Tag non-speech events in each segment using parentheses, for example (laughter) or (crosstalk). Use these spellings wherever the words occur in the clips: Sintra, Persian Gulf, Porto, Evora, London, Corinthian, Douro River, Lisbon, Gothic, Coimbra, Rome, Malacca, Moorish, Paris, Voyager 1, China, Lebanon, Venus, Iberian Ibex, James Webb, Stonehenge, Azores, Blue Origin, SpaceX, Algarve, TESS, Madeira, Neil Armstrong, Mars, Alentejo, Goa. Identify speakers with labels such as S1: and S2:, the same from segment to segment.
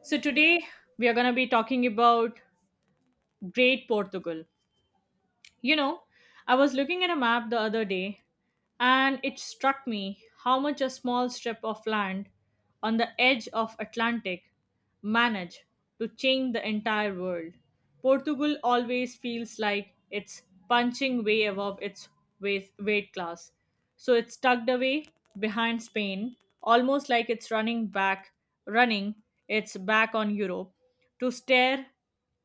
S1: So today we are going to be talking about Great Portugal. You know, I was looking at a map the other day and it struck me how much a small strip of land on the edge of Atlantic managed to change the entire world. Portugal always feels like it's punching way above its weight class. So it's tucked away behind Spain, almost like it's running its back on Europe to stare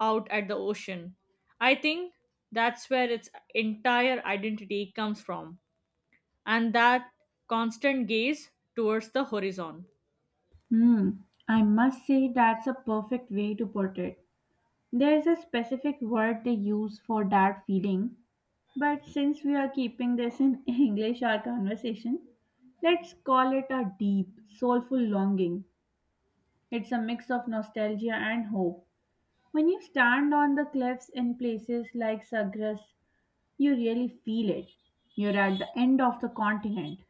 S1: out at the ocean. I think that's where its entire identity comes from and that constant gaze towards the horizon.
S2: Hmm, I must say that's a perfect way to put it. There's a specific word they use for that feeling, but since we are keeping this in (laughs) English, our conversation, let's call it a deep, soulful longing. It's a mix of nostalgia and hope. When you stand on the cliffs in places like Sagres, you really feel it. You're at the end of the continent.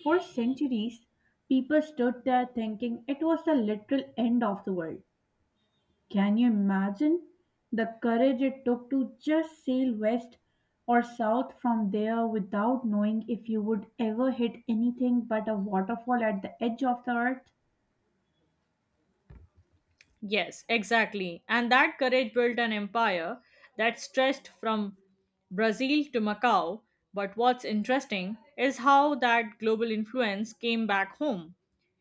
S2: For centuries, people stood there thinking it was the literal end of the world. Can you imagine the courage it took to just sail west or south from there without knowing if you would ever hit anything but a waterfall at the edge of the earth?
S1: Yes, exactly. And that courage built an empire that stretched from Brazil to Macau. But what's interesting is how that global influence came back home.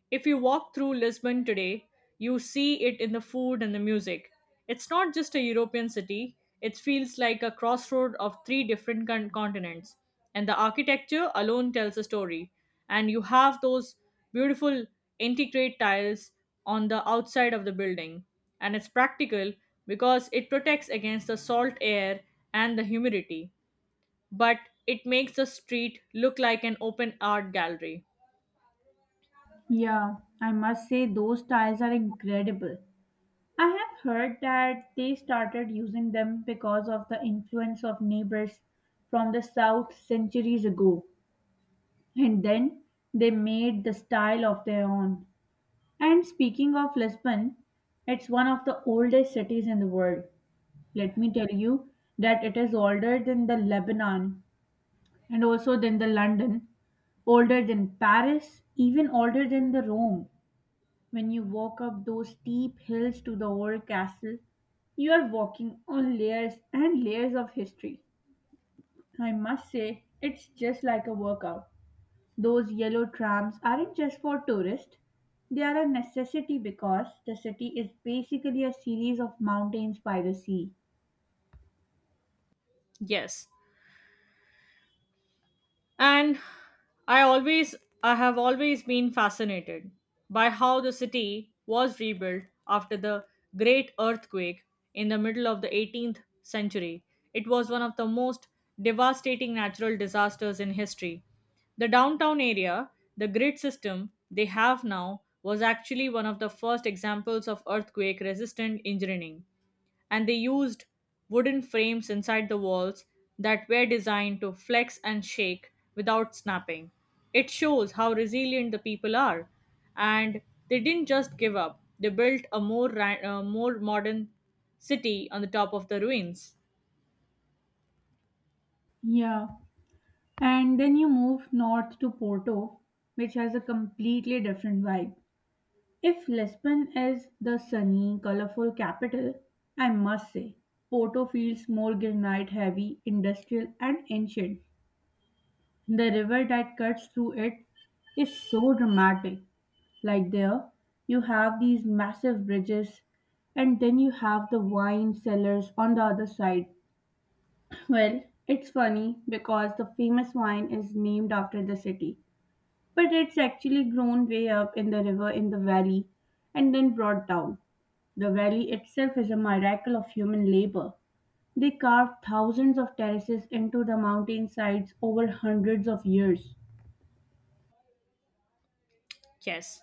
S1: If you walk through Lisbon today, you see it in the food and the music. It's not just a European city, it feels like a crossroad of three different continents. And the architecture alone tells a story. And you have those beautiful integrate tiles on the outside of the building. And it's practical because it protects against the salt air and the humidity. But it makes the street look like an open art gallery.
S2: Yeah, I must say those tiles are incredible. I have heard that they started using them because of the influence of neighbors from the south centuries ago, and then they made the style of their own. And speaking of Lisbon, it's one of the oldest cities in the world. Let me tell you that it is older than the Lebanon and also than the London, older than Paris, even older than the Rome. When you walk up those steep hills to the old castle, you are walking on layers and layers of history. I must say, it's just like a workout. Those yellow trams aren't just for tourists, they are a necessity because the city is basically a series of mountains by the sea.
S1: Yes, and i always I have always been fascinated by how the city was rebuilt after the great earthquake in the middle of the 18th century. It was one of the most devastating natural disasters in history. The downtown area, the grid system they have now, was actually one of the first examples of earthquake resistant engineering, and they used wooden frames inside the walls that were designed to flex and shake without snapping. It shows how resilient the people are, and they didn't just give up. They built a more modern city on the top of the ruins.
S2: Yeah, and then you move north to Porto, which has a completely different vibe. If Lisbon is the sunny, colorful capital, I must say, Porto feels more granite heavy, industrial, and ancient. The river that cuts through it is so dramatic. Like there, you have these massive bridges, and then you have the wine cellars on the other side. (clears throat) Well, it's funny because the famous wine is named after the city, but it's actually grown way up in the river in the valley and then brought down. The valley itself is a miracle of human labor. They carved thousands of terraces into the mountain sides over hundreds of years.
S1: Yes.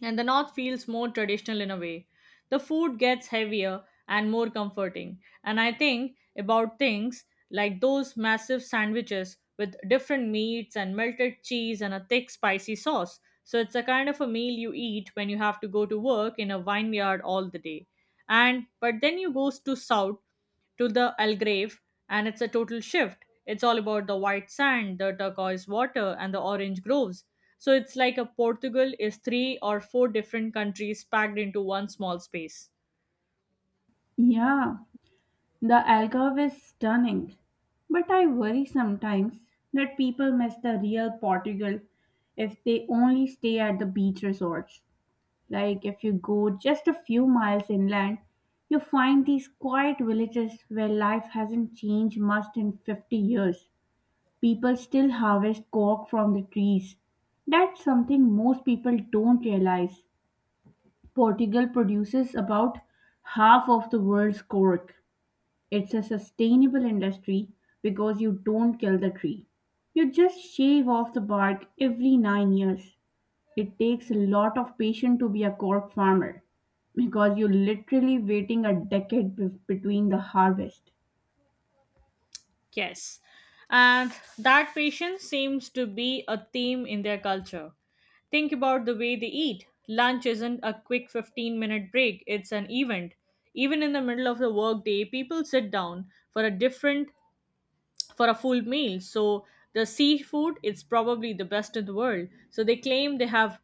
S1: And the north feels more traditional in a way. The food gets heavier and more comforting, and I think about things like those massive sandwiches with different meats and melted cheese and a thick spicy sauce. So it's a kind of a meal you eat when you have to go to work in a vineyard all the day. And but then you go to south to the Algrave, and it's a total shift. It's all about the white sand, the turquoise water, and the orange groves. So it's like a Portugal is three or four different countries packed into one small space.
S2: Yeah, the algarve is stunning, but I worry sometimes that people miss the real Portugal if they only stay at the beach resorts. Like if you go just a few miles inland, you find these quiet villages where life hasn't changed much in 50 years. People still harvest cork from the trees. That's something most people don't realize. Portugal produces about half of the world's cork. It's a sustainable industry because you don't kill the tree. You just shave off the bark every 9 years. It takes a lot of patience to be a cork farmer because you're literally waiting a decade between the harvest.
S1: Yes. And that patience seems to be a theme in their culture. Think about the way they eat. Lunch isn't a quick 15-minute break, it's an event. Even in the middle of the workday, people sit down for a different for a full meal. So the seafood it's probably the best in the world. So they claim they have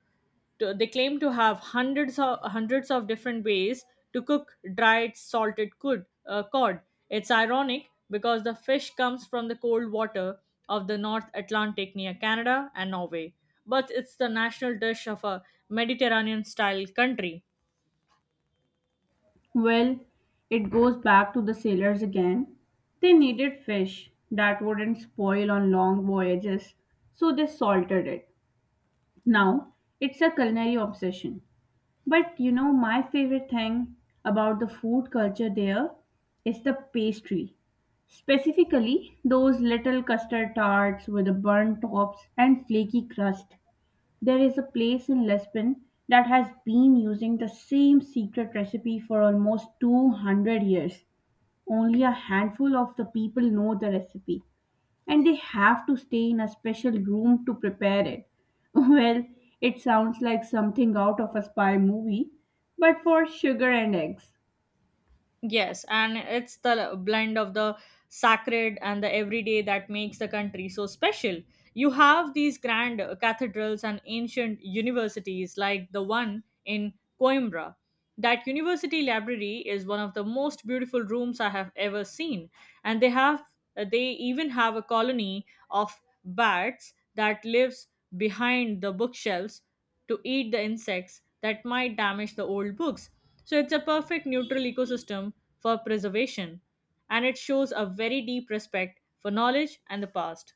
S1: to, they claim to have hundreds of different ways to cook dried salted cod. Cod. It's ironic because the fish comes from the cold water of the North Atlantic near Canada and Norway, but it's the national dish of a Mediterranean style country.
S2: Well, it goes back to the sailors again. They needed fish that wouldn't spoil on long voyages, so they salted it. Now, it's a culinary obsession. But you know, my favorite thing about the food culture there is the pastry. Specifically, those little custard tarts with the burnt tops and flaky crust. There is a place in Lisbon that has been using the same secret recipe for almost 200 years. Only a handful of the people know the recipe and they have to stay in a special room to prepare it. (laughs) Well, it sounds like something out of a spy movie, but for sugar and eggs.
S1: Yes, and it's the blend of the sacred and the everyday that makes the country so special. You have these grand cathedrals and ancient universities like the one in Coimbra. That university library is one of the most beautiful rooms I have ever seen, and they even have a colony of bats that lives behind the bookshelves to eat the insects that might damage the old books. So it's a perfect neutral ecosystem for preservation, and it shows a very deep respect for knowledge and the past.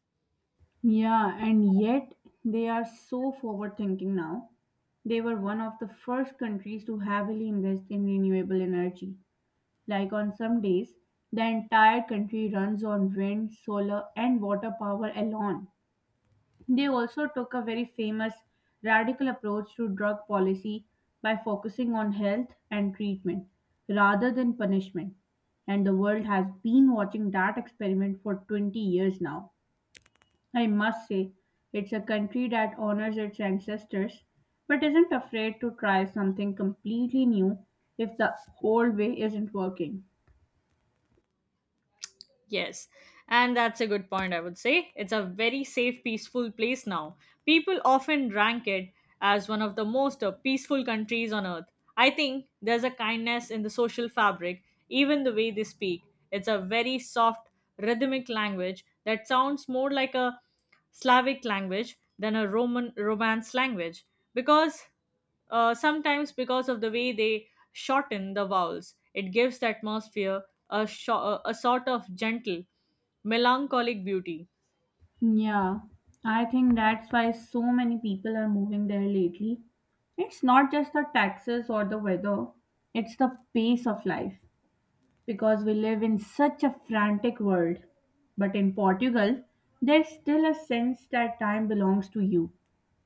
S2: Yeah, and yet they are so forward thinking now. They were one of the first countries to heavily invest in renewable energy. Like on some days, the entire country runs on wind, solar, and water power alone. They also took a very famous radical approach to drug policy by focusing on health and treatment rather than punishment. And the world has been watching that experiment for 20 years now. I must say, it's a country that honors its ancestors but isn't afraid to try something completely new if the old way isn't working.
S1: Yes, and that's a good point, I would say. It's a very safe, peaceful place now. People often rank it as one of the most peaceful countries on earth. I think there's a kindness in the social fabric, even the way they speak. It's a very soft, rhythmic language that sounds more like a Slavic language than a Roman Romance language because sometimes because of the way they shorten the vowels. It gives the atmosphere a, sho- a sort of gentle, melancholic beauty.
S2: Yeah, I think that's why so many people are moving there lately. It's not just the taxes or the weather, it's the pace of life because we live in such a frantic world. But in Portugal, there's still a sense that time belongs to you.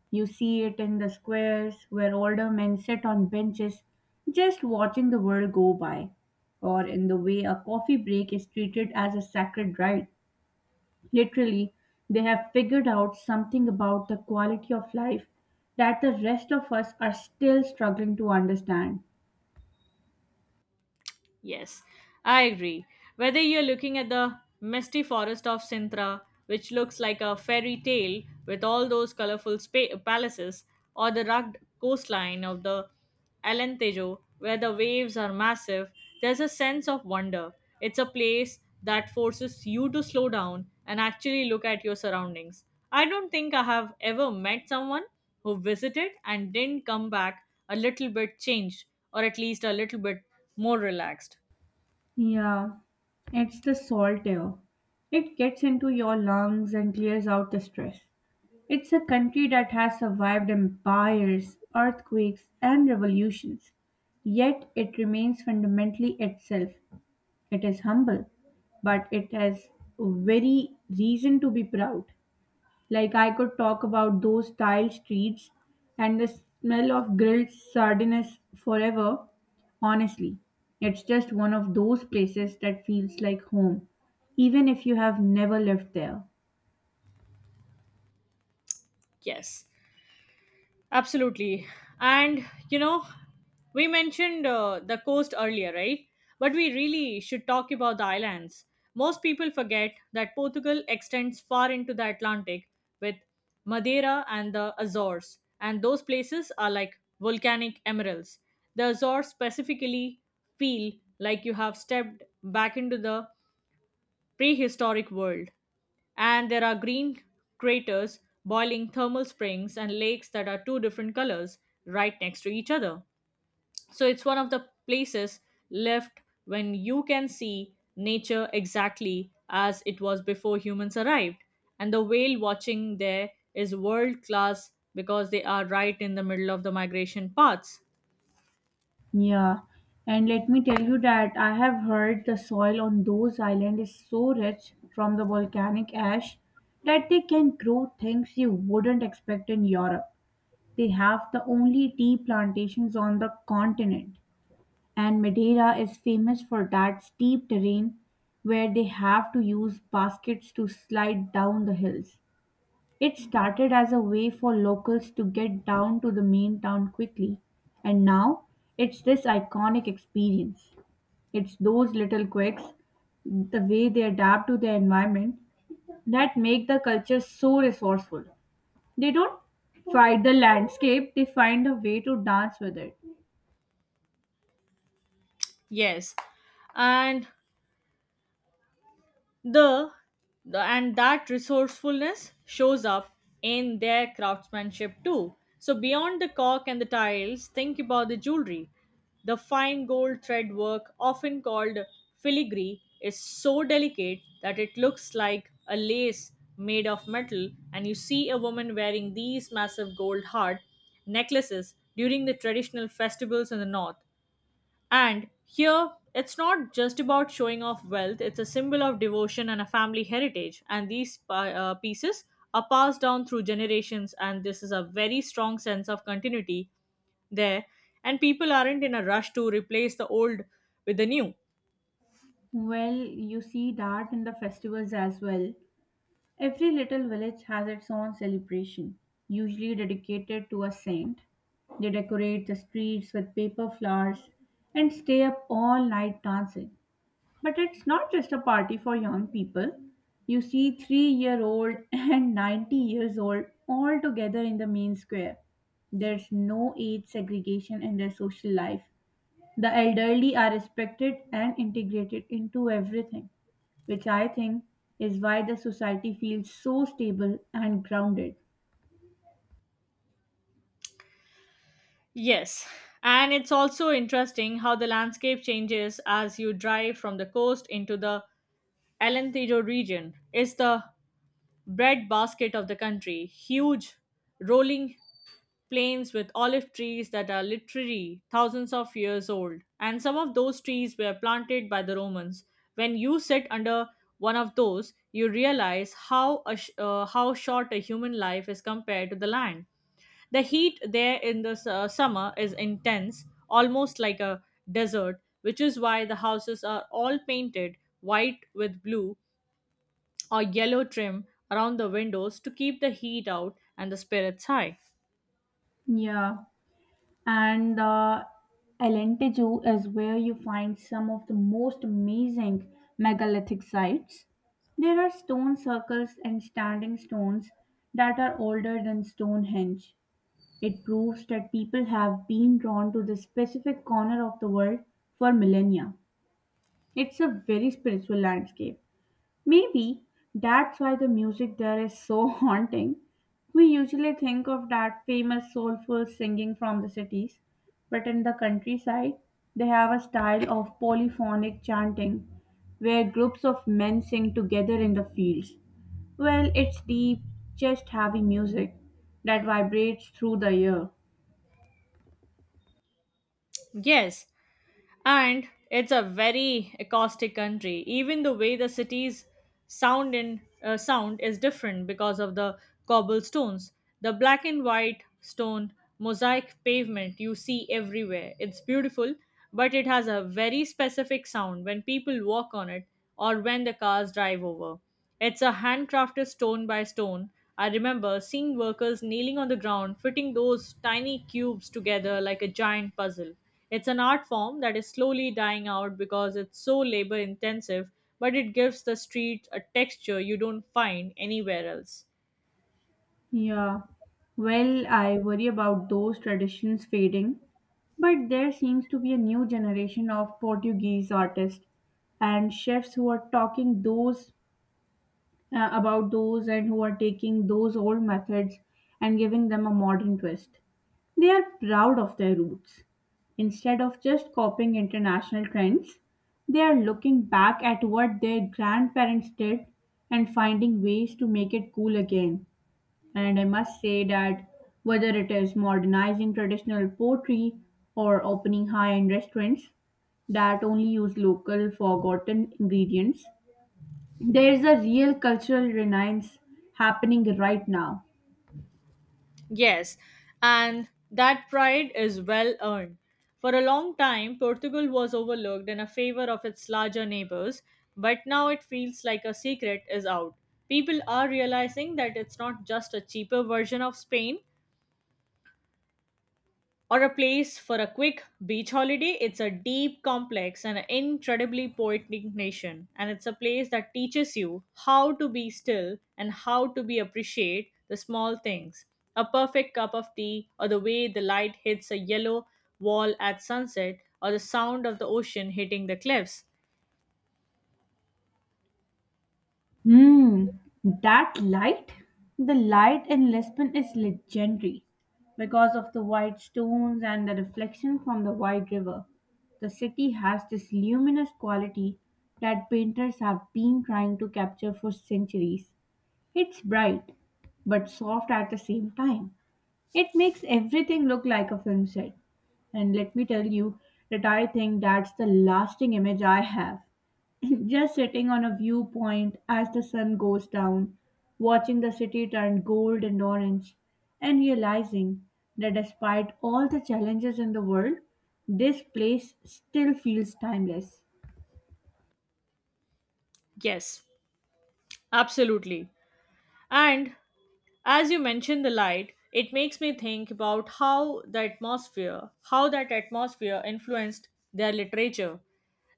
S2: You see it in the squares where older men sit on benches just watching the world go by, or in the way a coffee break is treated as a sacred right. Literally, they have figured out something about the quality of life that the rest of us are still struggling to understand.
S1: Yes, I agree. Whether you're looking at the misty forest of Sintra, which looks like a fairy tale with all those colorful palaces, or the rugged coastline of the Alentejo, where the waves are massive, there's a sense of wonder. It's a place that forces you to slow down and actually look at your surroundings. I don't think I have ever met someone who visited and didn't come back a little bit changed, or at least a little bit more relaxed.
S2: Yeah, it's the salt air. It gets into your lungs and clears out the stress. It's a country that has survived empires, earthquakes, and revolutions, yet it remains fundamentally itself. It is humble, but it has very reason to be proud. Like I could talk about those tile streets and the smell of grilled sardines forever. Honestly, it's just one of those places that feels like home, even if you have never lived there.
S1: Yes, absolutely. And you know, we mentioned the coast earlier, right? But we really should talk about the islands. Most people forget that Portugal extends far into the Atlantic with Madeira and the Azores, and those places are like volcanic emeralds. The Azores specifically feel like you have stepped back into the prehistoric world, and there are green craters, boiling thermal springs, and lakes that are two different colors right next to each other. So it's one of the places left when you can see nature exactly as it was before humans arrived. And the whale watching there is world class because they are right in the middle of the migration paths.
S2: Yeah, and let me tell you that I have heard the soil on those islands is so rich from the volcanic ash that they can grow things you wouldn't expect in Europe. They have the only tea plantations on the continent, and Madeira is famous for that steep terrain where they have to use baskets to slide down the hills. It started as a way for locals to get down to the main town quickly, and now it's this iconic experience. It's those little quirks, the way they adapt to their environment, that make the culture so resourceful. They don't fight the landscape, they find a way to dance with it.
S1: Yes. And the, the and that resourcefulness shows up in their craftsmanship too. So beyond the cork and the tiles, think about the jewelry. The fine gold thread work often called filigree is so delicate that it looks like a lace made of metal, and you see a woman wearing these massive gold heart necklaces during the traditional festivals in the north. And here, it's not just about showing off wealth, it's a symbol of devotion and a family heritage. And these pieces are passed down through generations, and this is a very strong sense of continuity there. And people aren't in a rush to replace the old with the new.
S2: Well, you see that in the festivals as well. Every little village has its own celebration, usually dedicated to a saint. They decorate the streets with paper flowers and stay up all night dancing. But it's not just a party for young people. You see 3-year-old (laughs) and 90 years old all together in the main square. There's no age segregation in their social life. The elderly are respected and integrated into everything, which I think is why the society feels so stable and grounded.
S1: Yes. And it's also interesting how the landscape changes as you drive from the coast into the Alentejo region. It's the breadbasket of the country. Huge rolling plains with olive trees that are literally thousands of years old. And some of those trees were planted by the Romans. When you sit under one of those, you realize how short a human life is compared to the land. The heat there in the summer is intense, almost like a desert, which is why the houses are all painted white with blue or yellow trim around the windows to keep the heat out and the spirits high.
S2: Yeah, and Alentejo is where you find some of the most amazing megalithic sites. There are stone circles and standing stones that are older than Stonehenge. It proves that people have been drawn to this specific corner of the world for millennia. It's a very spiritual landscape. Maybe that's why the music there is so (laughs) haunting. We usually think of that famous soulful singing from the cities, but in the countryside, they have a style of polyphonic chanting where groups of men sing together in the fields. Well, it's deep, chest heavy music that vibrates through the ear.
S1: Yes, and it's a very acoustic country. Even the way the city's sound is different because of the cobblestones, the black and white stone mosaic pavement you see everywhere. It's beautiful, but it has a very specific sound when people walk on it or when the cars drive over. It's a handcrafted stone by stone. I remember seeing workers kneeling on the ground, fitting those tiny cubes together like a giant puzzle. It's an art form that is slowly dying out because it's so labor intensive, but it gives the street a texture you don't find anywhere else.
S2: Yeah. Well, I worry about those traditions fading, but there seems to be a new generation of Portuguese artists and chefs who are talking those about those and who are taking those old methods and giving them a modern twist. They are proud of their roots. Instead of just copying international trends, they are looking back at what their grandparents did and finding ways to make it cool again. And I must say that whether it is modernizing traditional poetry or opening high end restaurants that only use local forgotten ingredients, there is a real cultural renaissance happening right now.
S1: Yes, and that pride is well earned. For a long time, Portugal was overlooked in a favor of its larger neighbors, but now it feels like a secret is out. People are realizing that it's not just a cheaper version of Spain, or a place for a quick beach holiday. It's a deep, complex, and incredibly poetic nation. And it's a place that teaches you how to be still and how to be appreciate the small things. A perfect cup of tea, or the way the light hits a yellow wall at sunset, or the sound of the ocean hitting the cliffs.
S2: Hmm, that light? The light in Lisbon is legendary because of the white stones and the reflection from the wide river. The city has this luminous quality that painters have been trying to capture for centuries. It's bright, but soft at the same time. It makes everything look like a film set. And let me tell you that I think that's the lasting image I have. (laughs) Just sitting on a viewpoint as the sun goes down, watching the city turn gold and orange, and realizing that despite all the challenges in the world, this place still feels timeless.
S1: Yes, absolutely. And as you mentioned the light, it makes me think about how the atmosphere how that atmosphere influenced their literature.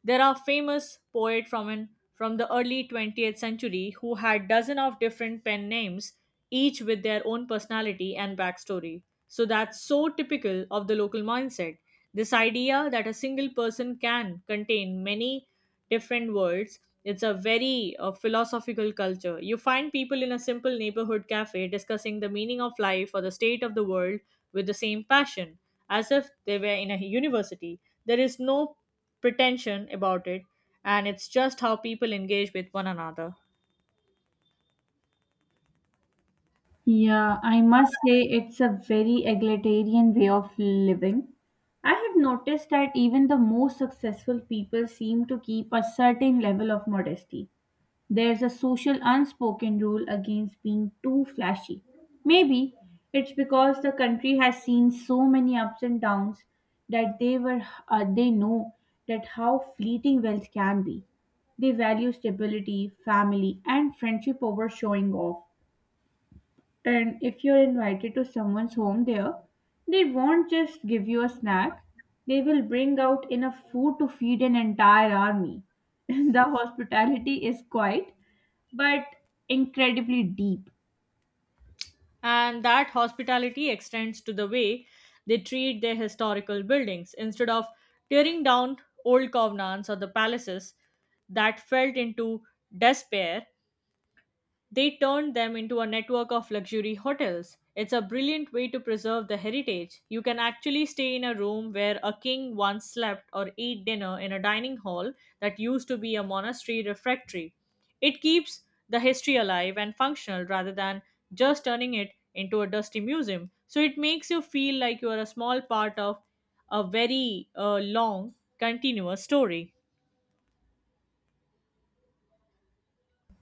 S1: There are famous poet from the early 20th century who had dozen of different pen names, each with their own personality and backstory. So that's so typical of the local mindset. This idea that a single person can contain many different worlds. It's a very philosophical culture. You find people in a simple neighborhood cafe discussing the meaning of life or the state of the world with the same passion, as if they were in a university. There is no pretension about it, and it's just how people engage with one another.
S2: Yeah, I must say it's a very egalitarian way of living. I have noticed that even the most successful people seem to keep a certain level of modesty. There's a social unspoken rule against being too flashy. Maybe it's because the country has seen so many ups and downs that they know that how fleeting wealth can be. They value stability, family, and friendship over showing off. And if you're invited to someone's home there, they won't just give you a snack. They will bring out enough food to feed an entire army. (laughs) The hospitality is quiet but incredibly deep.
S1: And that hospitality extends to the way they treat their historical buildings. Instead of tearing down old covenants or the palaces that felt into despair, they turned them into a network of luxury hotels. It's a brilliant way to preserve the heritage. You can actually stay in a room where a king once slept or eat dinner in a dining hall that used to be a monastery refectory. It keeps the history alive and functional rather than just turning it into a dusty museum. So it makes you feel like you are a small part of a very long, continuous story.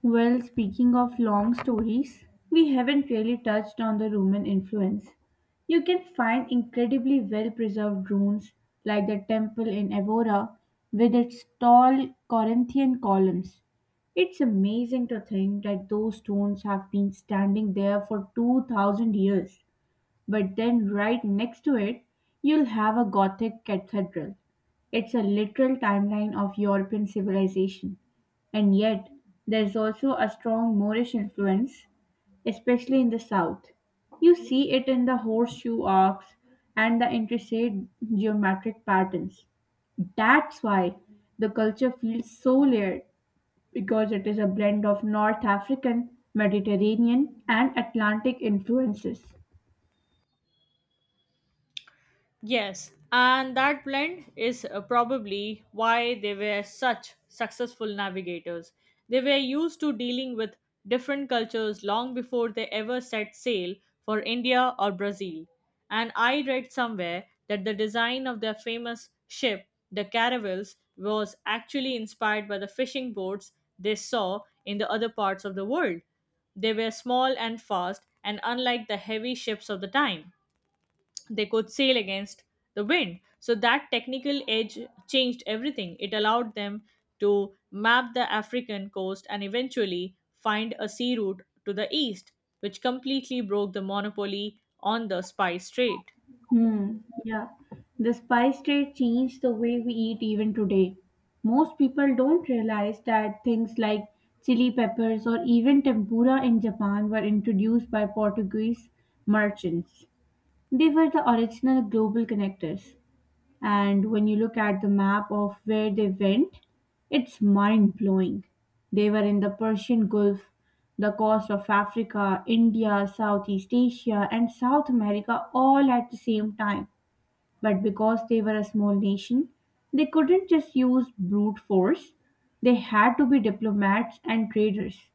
S2: Well, speaking of long stories, we haven't really touched on the Roman influence. You can find incredibly well preserved ruins like the temple in Evora with its tall Corinthian columns. It's amazing to think that those stones have been standing there for 2000 years. But then right next to it, you'll have a Gothic cathedral. It's a literal timeline of European civilization. And yet, there's also a strong Moorish influence, especially in the south. You see it in the horseshoe arcs and the intricate geometric patterns. That's why the culture feels so layered because it is a blend of North African, Mediterranean, and Atlantic influences.
S1: Yes, and that blend is probably why they were such successful navigators. They were used to dealing with different cultures long before they ever set sail for India or Brazil. And I read somewhere that the design of their famous ship, the caravels, was actually inspired by the fishing boats they saw in the other parts of the world. They were small and fast, and unlike the heavy ships of the time they could sail against the wind. So that technical edge changed everything. It allowed them to map the African coast and eventually find a sea route to the east, which completely broke the monopoly on the spice trade.
S2: Hmm, yeah. The spice trade changed the way we eat even today. Most people don't realize that things like chili peppers or even tempura in Japan were introduced by Portuguese merchants. They were the original global connectors. And when you look at the map of where they went, it's mind blowing. They were in the Persian Gulf, the coast of Africa, India, Southeast Asia, and South America all at the same time. But because they were a small nation, they couldn't just use brute force. They had to be diplomats and traders.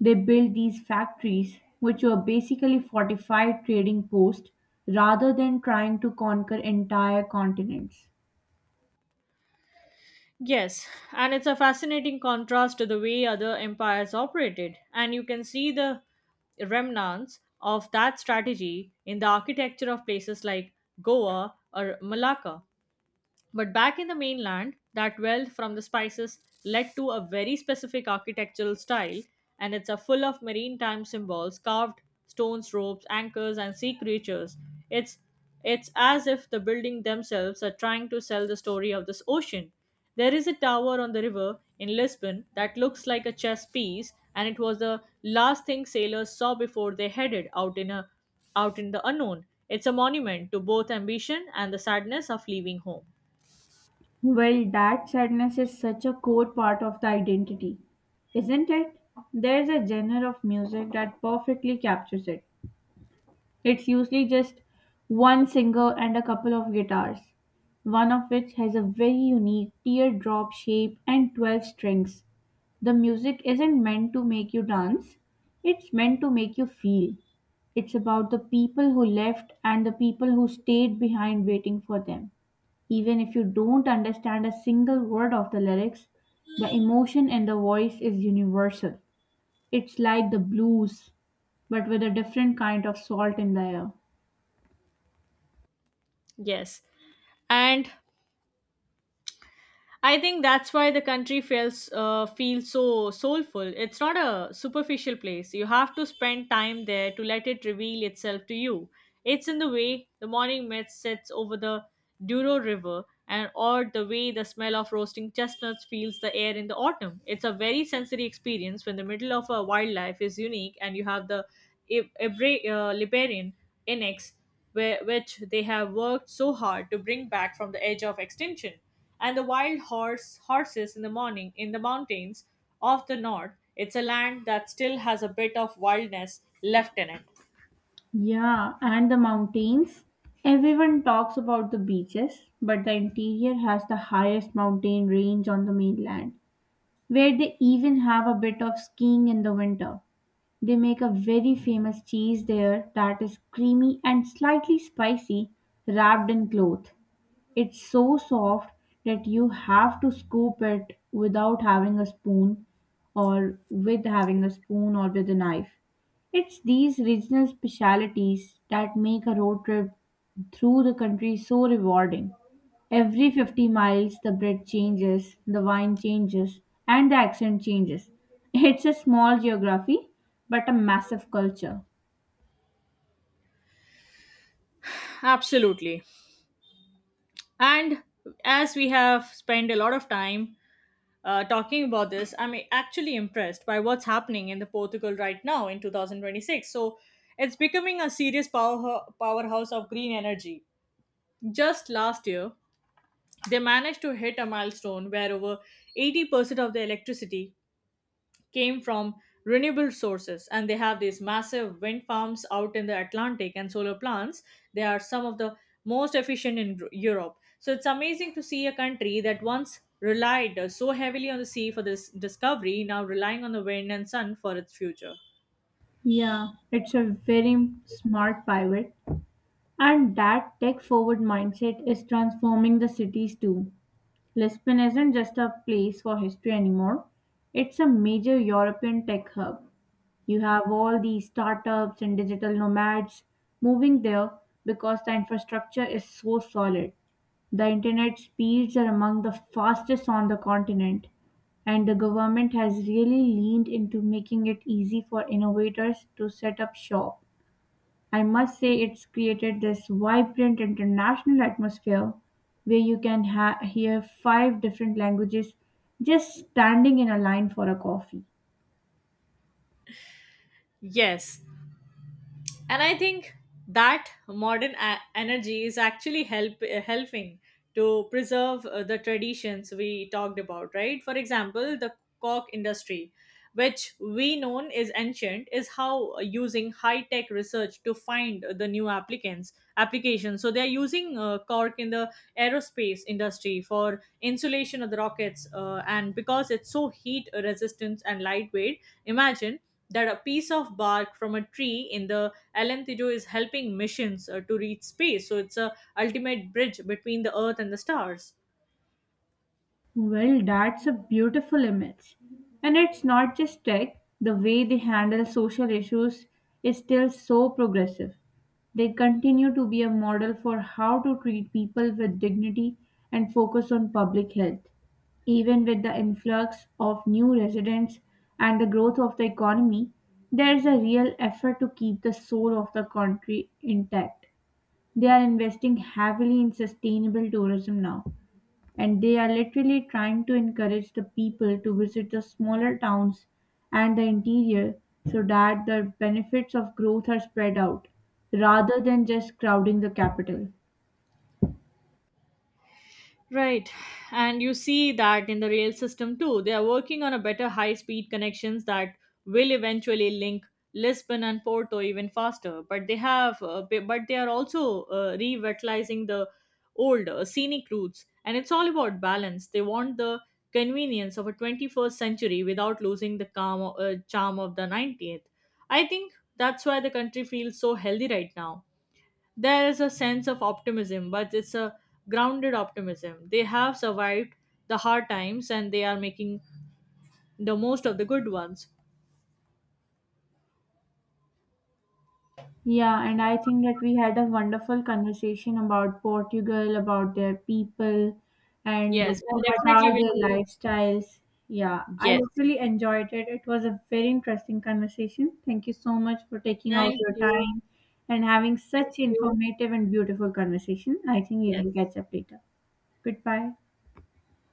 S2: They built these factories, which were basically fortified trading posts, rather than trying to conquer entire continents.
S1: Yes, and it's a fascinating contrast to the way other empires operated, and you can see the remnants of that strategy in the architecture of places like Goa or Malacca. But back in the mainland, that wealth from the spices led to a very specific architectural style, and it's a full of maritime symbols, carved stones, ropes, anchors, and sea creatures. It's it's as if the building themselves are trying to sell the story of this ocean. There is a tower on the river in Lisbon that looks like a chess piece, and it was the last thing sailors saw before they headed out in the unknown. It's a monument to both ambition and the sadness of leaving home.
S2: Well, that sadness is such a core part of the identity, isn't it? There's a genre of music that perfectly captures it. It's usually just one singer and a couple of guitars, one of which has a very unique teardrop shape and 12 strings. The music isn't meant to make you dance, it's meant to make you feel. It's about the people who left and the people who stayed behind waiting for them. Even if you don't understand a single word of the lyrics, the emotion in the voice is universal. It's like the blues, but with a different kind of salt in the air.
S1: Yes. And I think that's why the country feels so soulful. It's not a superficial place. You have to spend time there to let it reveal itself to you. It's in the way the morning mist sets over the Douro River and or the way the smell of roasting chestnuts fills the air in the autumn. It's a very sensory experience when the middle of a wildlife is unique and you have the Liberian Inex where, which they have worked so hard to bring back from the edge of extinction, and the wild horses in the morning in the mountains of the north. It's a land that still has a bit of wildness left in it.
S2: Yeah, and the mountains. Everyone talks about the beaches, but the interior has the highest mountain range on the mainland, where they even have a bit of skiing in the winter. They make a very famous cheese there that is creamy and slightly spicy, wrapped in cloth. It's so soft that you have to scoop it without having a spoon or with having a spoon or with a knife. It's these regional specialities that make a road trip through the country so rewarding. Every 50 miles, the bread changes, the wine changes, and the accent changes. (laughs) It's a small geography, but a massive culture.
S1: Absolutely. And as we have spent a lot of time talking about this, I'm actually impressed by what's happening in the Portugal right now in 2026. So it's becoming a serious powerhouse of green energy. Just last year, they managed to hit a milestone where over 80% of the electricity came from renewable sources, and they have these massive wind farms out in the Atlantic and solar plants. They are some of the most efficient in Europe. So it's amazing to see a country that once relied so heavily on the sea for this discovery now relying on the wind and sun for its future.
S2: Yeah, it's a very smart pivot. And that tech forward mindset is transforming the cities too. Lisbon isn't just a place for history anymore, it's a major European tech hub. You have all these startups and digital nomads moving there because the infrastructure is so solid. The internet speeds are among the fastest on the continent, and the government has really leaned into making it easy for innovators to set up shop. I must say it's created this vibrant international atmosphere where you can hear five different languages just standing in a line for a coffee.
S1: Yes, and I think that modern energy is actually helping to preserve the traditions we talked about right for example the cork industry which we known is ancient is how using high tech research to find the new applicants applications so they are using cork in the aerospace industry for insulation of the rockets and because it's so heat resistant and lightweight imagine that a piece of bark from a tree in the Alentijo is helping missions to reach space. So it's a ultimate bridge between the Earth and the stars.
S2: Well, that's a beautiful image. And it's not just tech, the way they handle social issues is still so progressive. They continue to be a model for how to treat people with dignity and focus on public health. Even with the influx of new residents and the growth of the economy, there is a real effort to keep the soul of the country intact. They are investing heavily in sustainable tourism now and they are literally trying to encourage the people to visit the smaller towns and the interior so that the benefits of growth are spread out rather than just crowding the capital.
S1: Right. And you see that in the rail system too. They are working on a better high speed connections that will eventually link Lisbon and Porto even faster. But they have but they are also revitalizing the old scenic routes and it's all about balance. They want the convenience of a 21st century without losing the calm, charm of the 90th. I think that's why the country feels so healthy right now there is a sense of optimism, but it's a grounded optimism. They have survived the hard times and they are making the most of the good ones.
S2: Yeah, and I think that we had a wonderful conversation about Portugal, about their people, and
S1: Yes, and
S2: what
S1: definitely
S2: are
S1: will
S2: their
S1: be.
S2: lifestyles. Yeah, I
S1: Yes.
S2: literally enjoyed it. It was a very interesting conversation. Thank you so much for taking out
S1: Thank
S2: your
S1: you.
S2: time and having
S1: Thank
S2: such
S1: you.
S2: informative and beautiful conversation. I think we
S1: Yes.
S2: will catch up later. Goodbye.